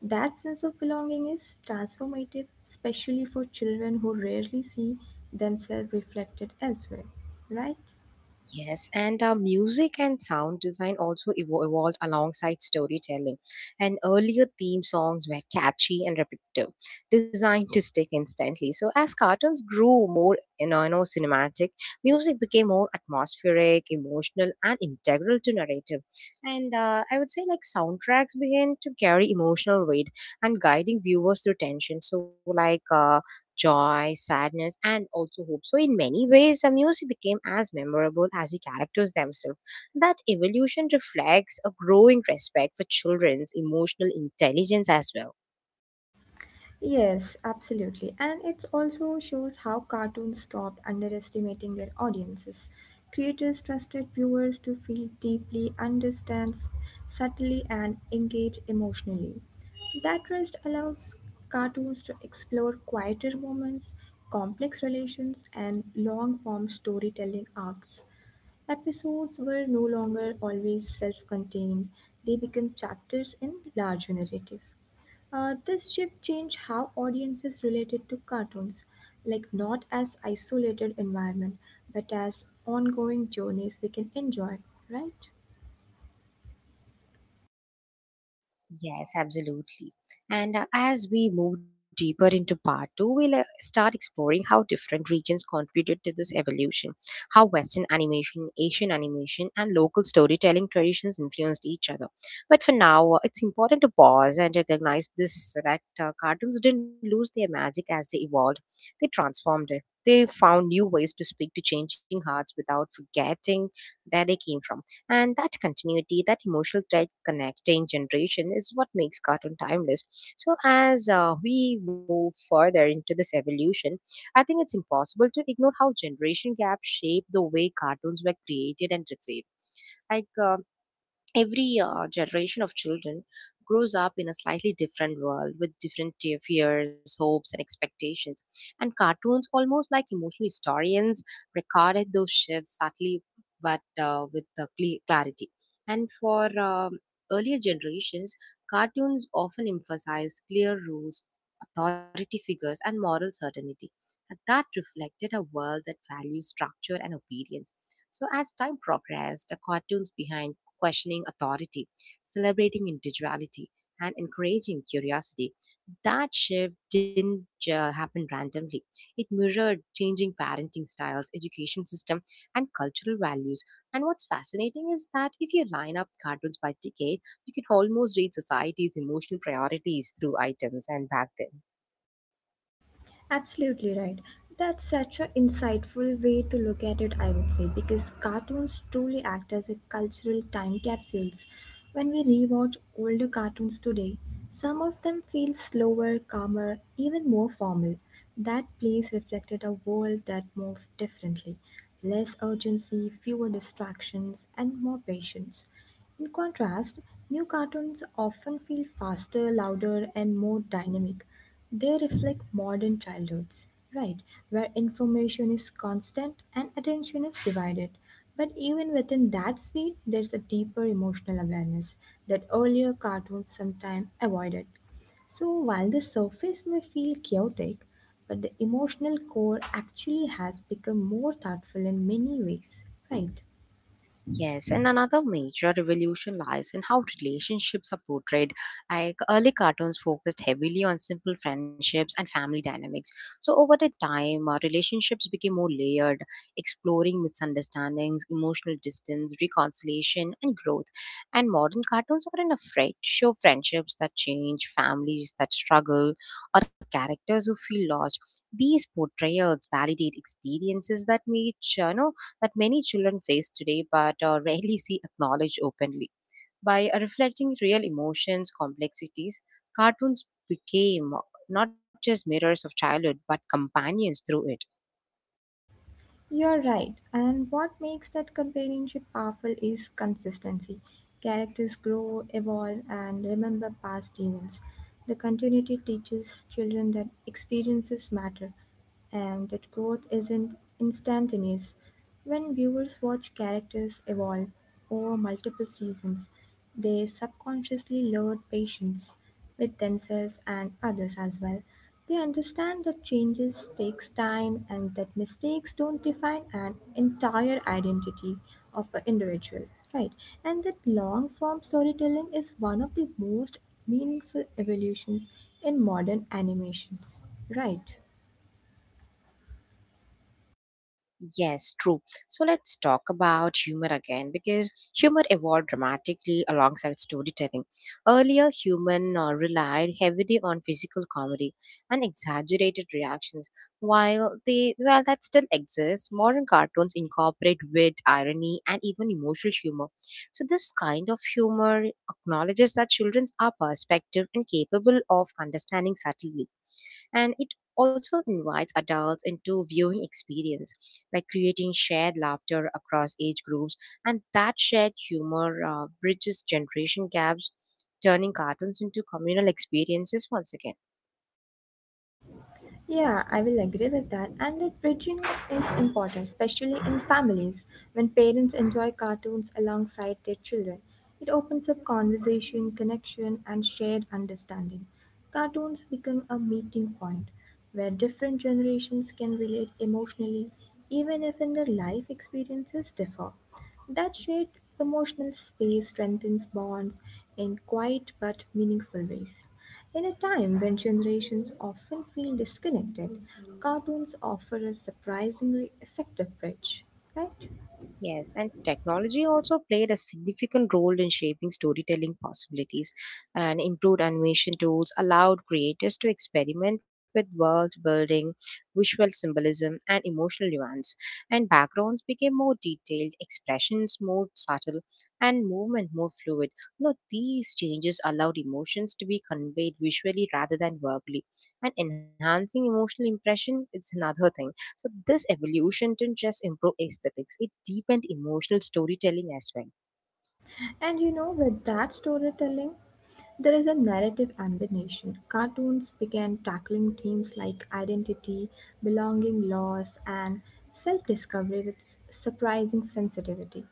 S2: That sense of belonging is transformative, especially for children who rarely see themselves reflected elsewhere, right?
S1: Yes, and music and sound design also evolved alongside storytelling. And earlier theme songs were catchy and repetitive, designed to stick instantly. So as cartoons grew more, cinematic, music became more atmospheric, emotional, and integral to narrative. And I would say like soundtracks began to carry emotional weight and guiding viewers through tension. So like. Joy, sadness, and also hope. So, in many ways, the music became as memorable as the characters themselves. That evolution reflects a growing respect for children's emotional intelligence as well.
S2: Yes, absolutely. And it also shows how cartoons stopped underestimating their audiences. Creators trusted viewers to feel deeply, understand subtly, and engage emotionally. That trust allows cartoons to explore quieter moments, complex relations, and long form storytelling arcs. Episodes were no longer always self contained, they became chapters in larger narrative. This shift changed how audiences related to cartoons, like not as isolated environment, but as ongoing journeys we can enjoy, right?
S1: Yes, absolutely. And as we move deeper into part two, we'll start exploring how different regions contributed to this evolution, how Western animation, Asian animation, and local storytelling traditions influenced each other. But for now, it's important to pause and recognize this, that cartoons didn't lose their magic as they evolved, they transformed it. They found new ways to speak to changing hearts without forgetting where they came from, and that continuity, that emotional thread connecting generation is what makes cartoon timeless. So as we move further into this evolution, I think it's impossible to ignore how generation gaps shape the way cartoons were created and received. Like every generation of children grows up in a slightly different world with different fears, hopes, and expectations, and cartoons, almost like emotional historians, recorded those shifts subtly but with the clarity. And for earlier generations, cartoons often emphasized clear rules, authority figures, and moral certainty, and that reflected a world that values structure and obedience. So as time progressed, the cartoons behind questioning authority, celebrating individuality, and encouraging curiosity. That shift didn't happen randomly. It mirrored changing parenting styles, education system, and cultural values. And what's fascinating is that if you line up cartoons by decade, you can almost read society's emotional priorities through items and back then.
S2: Absolutely right. That's such an insightful way to look at it, I would say, because cartoons truly act as a cultural time capsules. When we rewatch older cartoons today, some of them feel slower, calmer, even more formal. That place reflected a world that moved differently less urgency, fewer distractions, and more patience. In contrast, new cartoons often feel faster, louder, and more dynamic. They reflect modern childhoods, right, where information is constant and attention is divided. But even within that speed, there's a deeper emotional awareness that earlier cartoons sometimes avoided. So while the surface may feel chaotic, but the emotional core actually has become more thoughtful in many ways, right?
S1: Yes, and another major revolution lies in how relationships are portrayed. Like early cartoons focused heavily on simple friendships and family dynamics. So over the time, relationships became more layered, exploring misunderstandings, emotional distance, reconciliation, and growth. And modern cartoons aren't afraid to show friendships that change, families that struggle, or characters who feel lost. These portrayals validate experiences that made you know that many children face today but rarely see acknowledged openly. By reflecting real emotions, complexities, cartoons became not just mirrors of childhood but companions through it.
S2: You're right, and what makes that companionship powerful is consistency. Characters grow, evolve, and remember past events. The continuity teaches children that experiences matter, and that growth isn't instantaneous. When viewers watch characters evolve over multiple seasons, they subconsciously learn patience with themselves and others as well. They understand that changes takes time and that mistakes don't define an entire identity of an individual, right? And that long form storytelling is one of the most meaningful evolutions in modern animations, right?
S1: Yes, true. So let's talk about humor again because humor evolved dramatically alongside storytelling. Earlier, human relied heavily on physical comedy and exaggerated reactions. While they well that still exists, modern cartoons incorporate wit, irony, and even emotional humor. So this kind of humor acknowledges that children are perspective and capable of understanding subtlety, and it also invites adults into viewing experience, like creating shared laughter across age groups. And that shared humor bridges generation gaps, turning cartoons into communal experiences once again.
S2: Yeah, I will agree with that. And that bridging is important, especially in families when parents enjoy cartoons alongside their children. It opens up conversation, connection, and shared understanding. Cartoons become a meeting point where different generations can relate emotionally, even if in their life experiences differ. That shared emotional space strengthens bonds in quiet but meaningful ways. In a time when generations often feel disconnected, cartoons offer a surprisingly effective bridge, right?
S1: Yes, and technology also played a significant role in shaping storytelling possibilities. And improved animation tools allowed creators to experiment with world building, visual symbolism, and emotional nuance. And backgrounds became more detailed, expressions more subtle, and movement more fluid. You know, these changes allowed emotions to be conveyed visually rather than verbally. And enhancing emotional impression is another thing. So this evolution didn't just improve aesthetics, it deepened emotional storytelling as well.
S2: And with that storytelling, there is a narrative ambition. Cartoons began tackling themes like identity, belonging, loss, and self discovery with surprising sensitivity.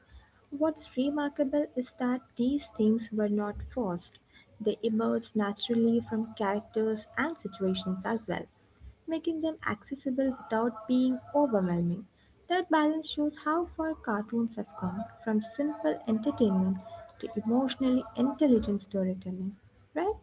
S2: What's remarkable is that these themes were not forced, they emerged naturally from characters and situations as well, making them accessible without being overwhelming. That balance shows how far cartoons have come from simple entertainment to emotionally intelligent storytelling, right?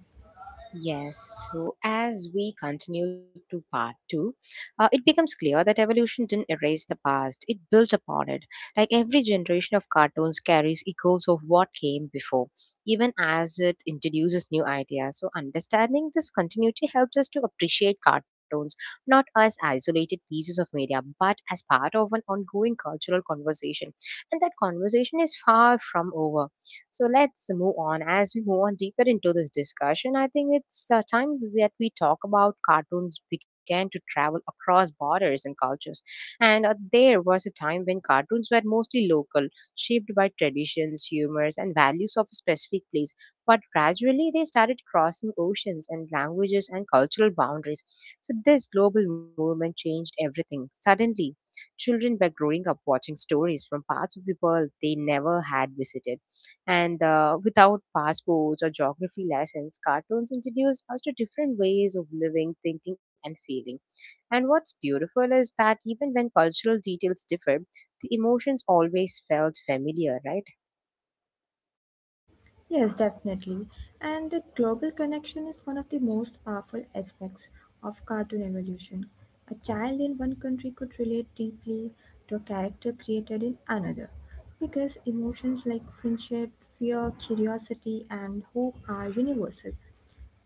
S1: Yes, so as we continue to part two, it becomes clear that evolution didn't erase the past, it built upon it. Like every generation of cartoons carries echoes of what came before, even as it introduces new ideas. So, understanding this continuity helps us to appreciate cartoons not as isolated pieces of media, but as part of an ongoing cultural conversation. And that conversation is far from over. So let's move on. As we move on deeper into this discussion, I think it's time that we talk about cartoons began to travel across borders and cultures. And there was a time when cartoons were mostly local, shaped by traditions, humors, and values of a specific place. But gradually, they started crossing oceans and languages and cultural boundaries. So, this global movement changed everything. Suddenly, children were growing up watching stories from parts of the world they never had visited, and without passports or geography lessons, cartoons introduce us to different ways of living, thinking, and feeling. And what's beautiful is that even when cultural details differ, the emotions always felt familiar, right?
S2: Yes, definitely. And the global connection is one of the most powerful aspects of cartoon evolution. A child in one country could relate deeply to a character created in another because emotions like friendship, fear, curiosity, and hope are universal.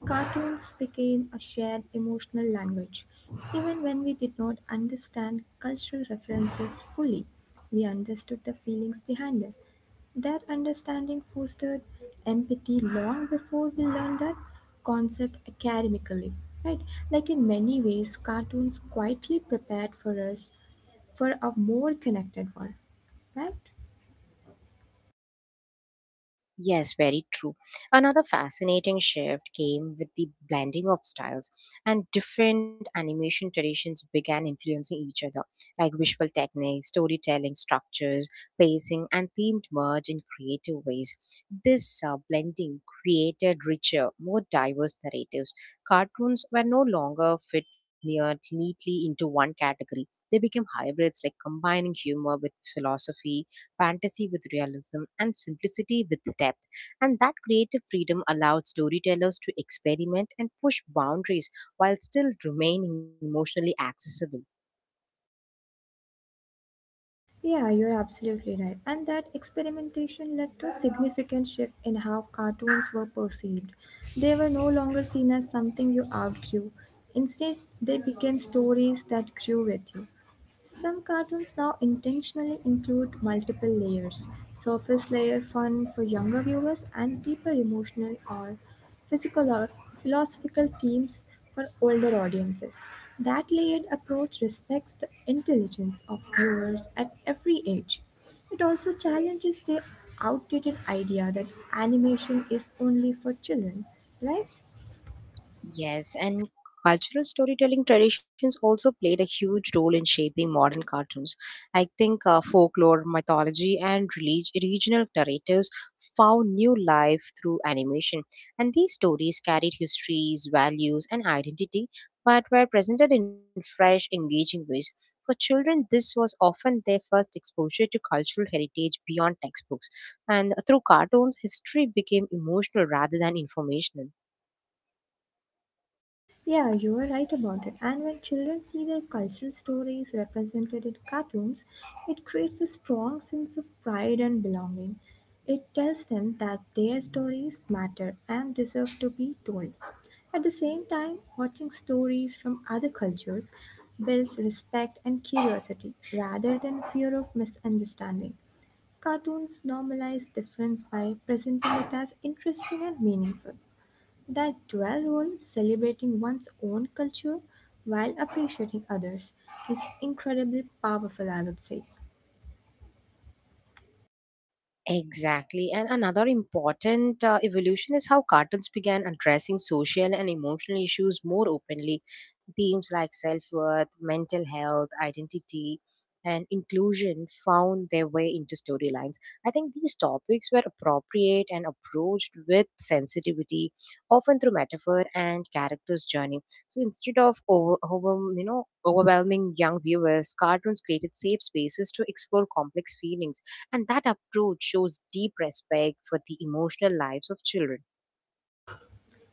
S2: Cartoons became a shared emotional language. Even when we did not understand cultural references fully, we understood the feelings behind them. Their understanding fostered empathy long before we learned that concept academically. Right? Like in many ways, cartoons quietly prepared for us for a more connected world. Right?
S1: Yes, very true. Another fascinating shift came with the blending of styles, and different animation traditions began influencing each other, like visual techniques, storytelling structures, pacing, and themed merge in creative ways. This blending created richer, more diverse narratives. Cartoons were no longer fit near neatly into one category. They became hybrids, like combining humor with philosophy, fantasy with realism, and simplicity with depth. And that creative freedom allowed storytellers to experiment and push boundaries while still remaining emotionally accessible.
S2: Yeah, you're absolutely right. And that experimentation led to a significant shift in how cartoons were perceived. They were no longer seen as something you outgrew. Instead, they became stories that grew with you. Some cartoons now intentionally include multiple layers: surface layer fun for younger viewers and deeper emotional or physical or philosophical themes for older audiences. That layered approach respects the intelligence of viewers at every age. It also challenges the outdated idea that animation is only for children, right?
S1: Yes, and cultural storytelling traditions also played a huge role in shaping modern cartoons. I think folklore, mythology, and regional narratives found new life through animation. And these stories carried histories, values, and identity, but were presented in fresh, engaging ways. For children, this was often their first exposure to cultural heritage beyond textbooks. And through cartoons, history became emotional rather than informational.
S2: Yeah, you are right about it. And when children see their cultural stories represented in cartoons, it creates a strong sense of pride and belonging. It tells them that their stories matter and deserve to be told. At the same time, watching stories from other cultures builds respect and curiosity rather than fear of misunderstanding. Cartoons normalize difference by presenting it as interesting and meaningful. That dual role, celebrating one's own culture while appreciating others, is incredibly powerful, I would say.
S1: Exactly. And another important evolution is how cartoons began addressing social and emotional issues more openly. Themes like self worth, mental health, identity, and inclusion found their way into storylines. I think these topics were appropriate and approached with sensitivity, often through metaphor and character's journey. So instead of overwhelming young viewers, cartoons created safe spaces to explore complex feelings, and that approach shows deep respect for the emotional lives of children.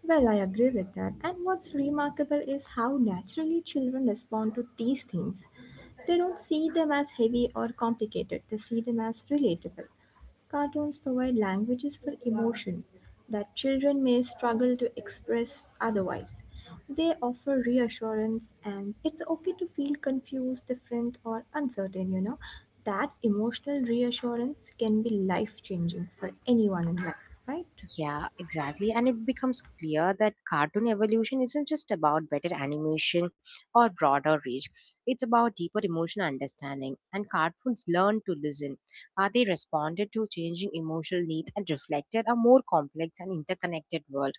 S2: Well, I agree with that. And what's remarkable is how naturally children respond to these themes. They don't see them as heavy or complicated, they see them as relatable. Cartoons provide languages for emotion that children may struggle to express otherwise. They offer reassurance, and it's okay to feel confused, different, or uncertain. That emotional reassurance can be life changing for anyone in life, right?
S1: Yeah, exactly. And it becomes clear that cartoon evolution isn't just about better animation or broader reach. It's about deeper emotional understanding. And cartoons learned to listen. They responded to changing emotional needs and reflected a more complex and interconnected world.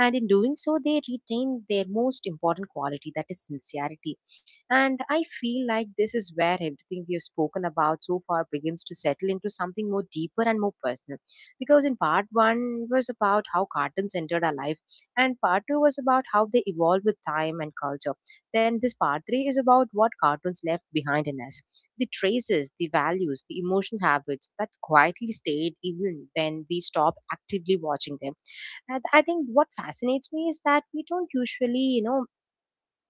S1: And in doing so, they retained their most important quality, that is sincerity. And I feel like this is where everything we have spoken about so far begins to settle into something more deeper and more personal, because in part one it was about how cartoons entered our life, and part two was about how they evolved with time and culture, then this part three is about what cartoons left behind in us, the traces, the values, the emotional habits that quietly stayed even when we stopped actively watching them. And I think what fascinates me is that we don't usually, you know,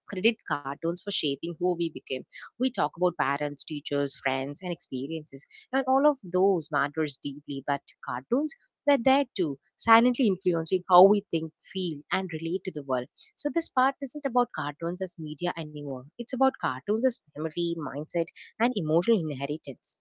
S1: credit cartoons for shaping who we became. We talk about parents, teachers, friends, and experiences, and all of those matters deeply. But cartoons were there too, silently influencing how we think, feel, and relate to the world. So this part isn't about cartoons as media anymore. It's about cartoons as memory, mindset, and emotional inheritance.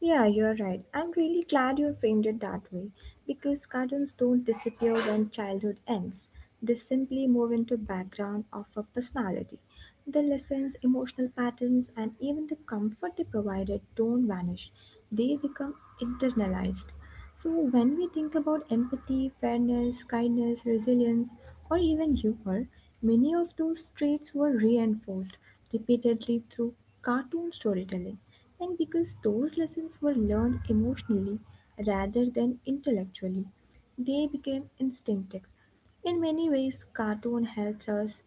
S2: Yeah, you're right. I'm really glad you framed it that way because cartoons don't disappear when childhood ends. They simply move into background of a personality. The lessons, emotional patterns, and even the comfort they provided don't vanish. They become internalized. So, when we think about empathy, fairness, kindness, resilience, or even humor, many of those traits were reinforced repeatedly through cartoon storytelling. And because those lessons were learned emotionally rather than intellectually, they became instinctive. In many ways, cartoon helps us.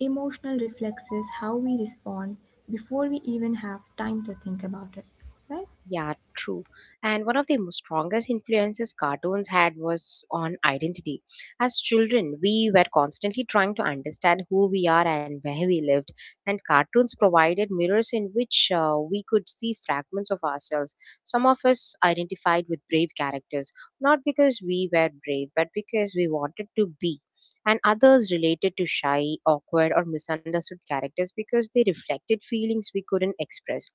S2: Emotional reflexes how we respond before we even have time to think about it, right?
S1: Yeah, true. And one of the most strongest influences cartoons had was on identity. As children, we were constantly trying to understand who we are and where we lived, and cartoons provided mirrors in which we could see fragments of ourselves. Some of us identified with brave characters, not because we were brave, but because we wanted to be. And others related to shy, awkward, or misunderstood characters because they reflected feelings we couldn't express.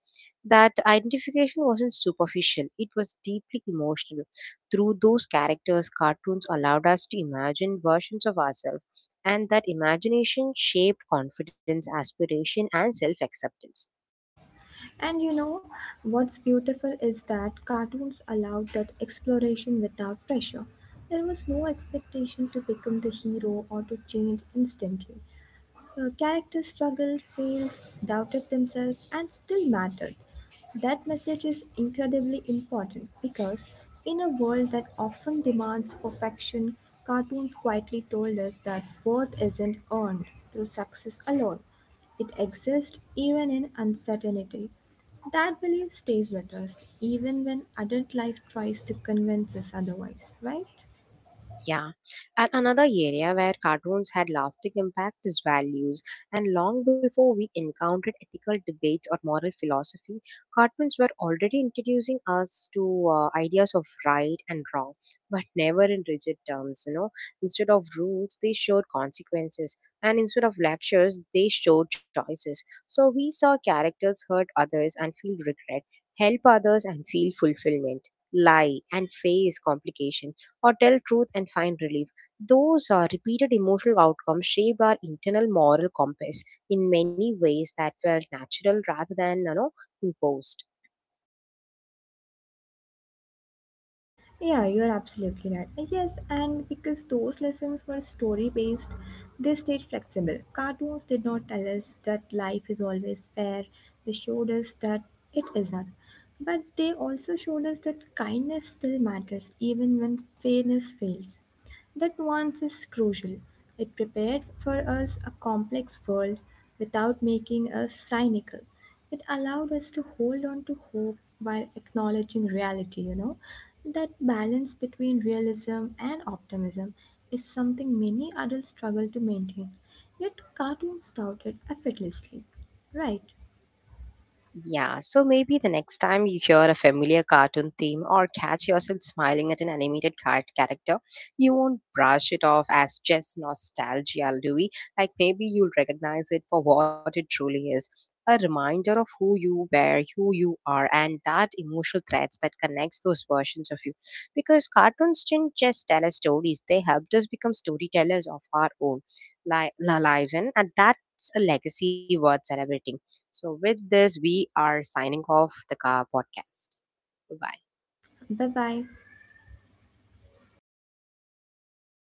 S1: That identification wasn't superficial, it was deeply emotional. Through those characters, cartoons allowed us to imagine versions of ourselves, and that imagination shaped confidence, aspiration, and self acceptance.
S2: And what's beautiful is that cartoons allowed that exploration without pressure. There was no expectation to become the hero or to change instantly. Characters struggled, failed, doubted themselves, and still mattered. That message is incredibly important because, in a world that often demands perfection, cartoons quietly told us that worth isn't earned through success alone. It exists even in uncertainty. That belief stays with us even when adult life tries to convince us otherwise, right?
S1: Yeah, and another area where cartoons had lasting impact is values. And long before we encountered ethical debates or moral philosophy, cartoons were already introducing us to ideas of right and wrong, but never in rigid terms. You know, instead of rules, they showed consequences, and instead of lectures, they showed choices. So we saw characters hurt others and feel regret, help others and feel fulfillment, lie and face complication, or tell truth and find relief. Those are repeated emotional outcomes shaped our internal moral compass in many ways that felt natural rather than, you know, imposed.
S2: Yeah, you're absolutely right. Yes, and because those lessons were story based, they stayed flexible. Cartoons did not tell us that life is always fair, they showed us that it isn't. But they also showed us that kindness still matters even when fairness fails. That nuance is crucial. It prepared for us a complex world without making us cynical. It allowed us to hold on to hope while acknowledging reality. That balance between realism and optimism is something many adults struggle to maintain. Yet cartoons tout it effortlessly. Right.
S1: Yeah, so maybe the next time you hear a familiar cartoon theme or catch yourself smiling at an animated character, you won't brush it off as just nostalgia, Louis. Like maybe you'll recognize it for what it truly is, a reminder of who you were, who you are, and that emotional threads that connects those versions of you. Because cartoons didn't just tell us stories, they helped us become storytellers of our own lives, and that's a legacy worth celebrating. So, with this, we are signing off the car podcast. Bye bye.
S2: Bye bye.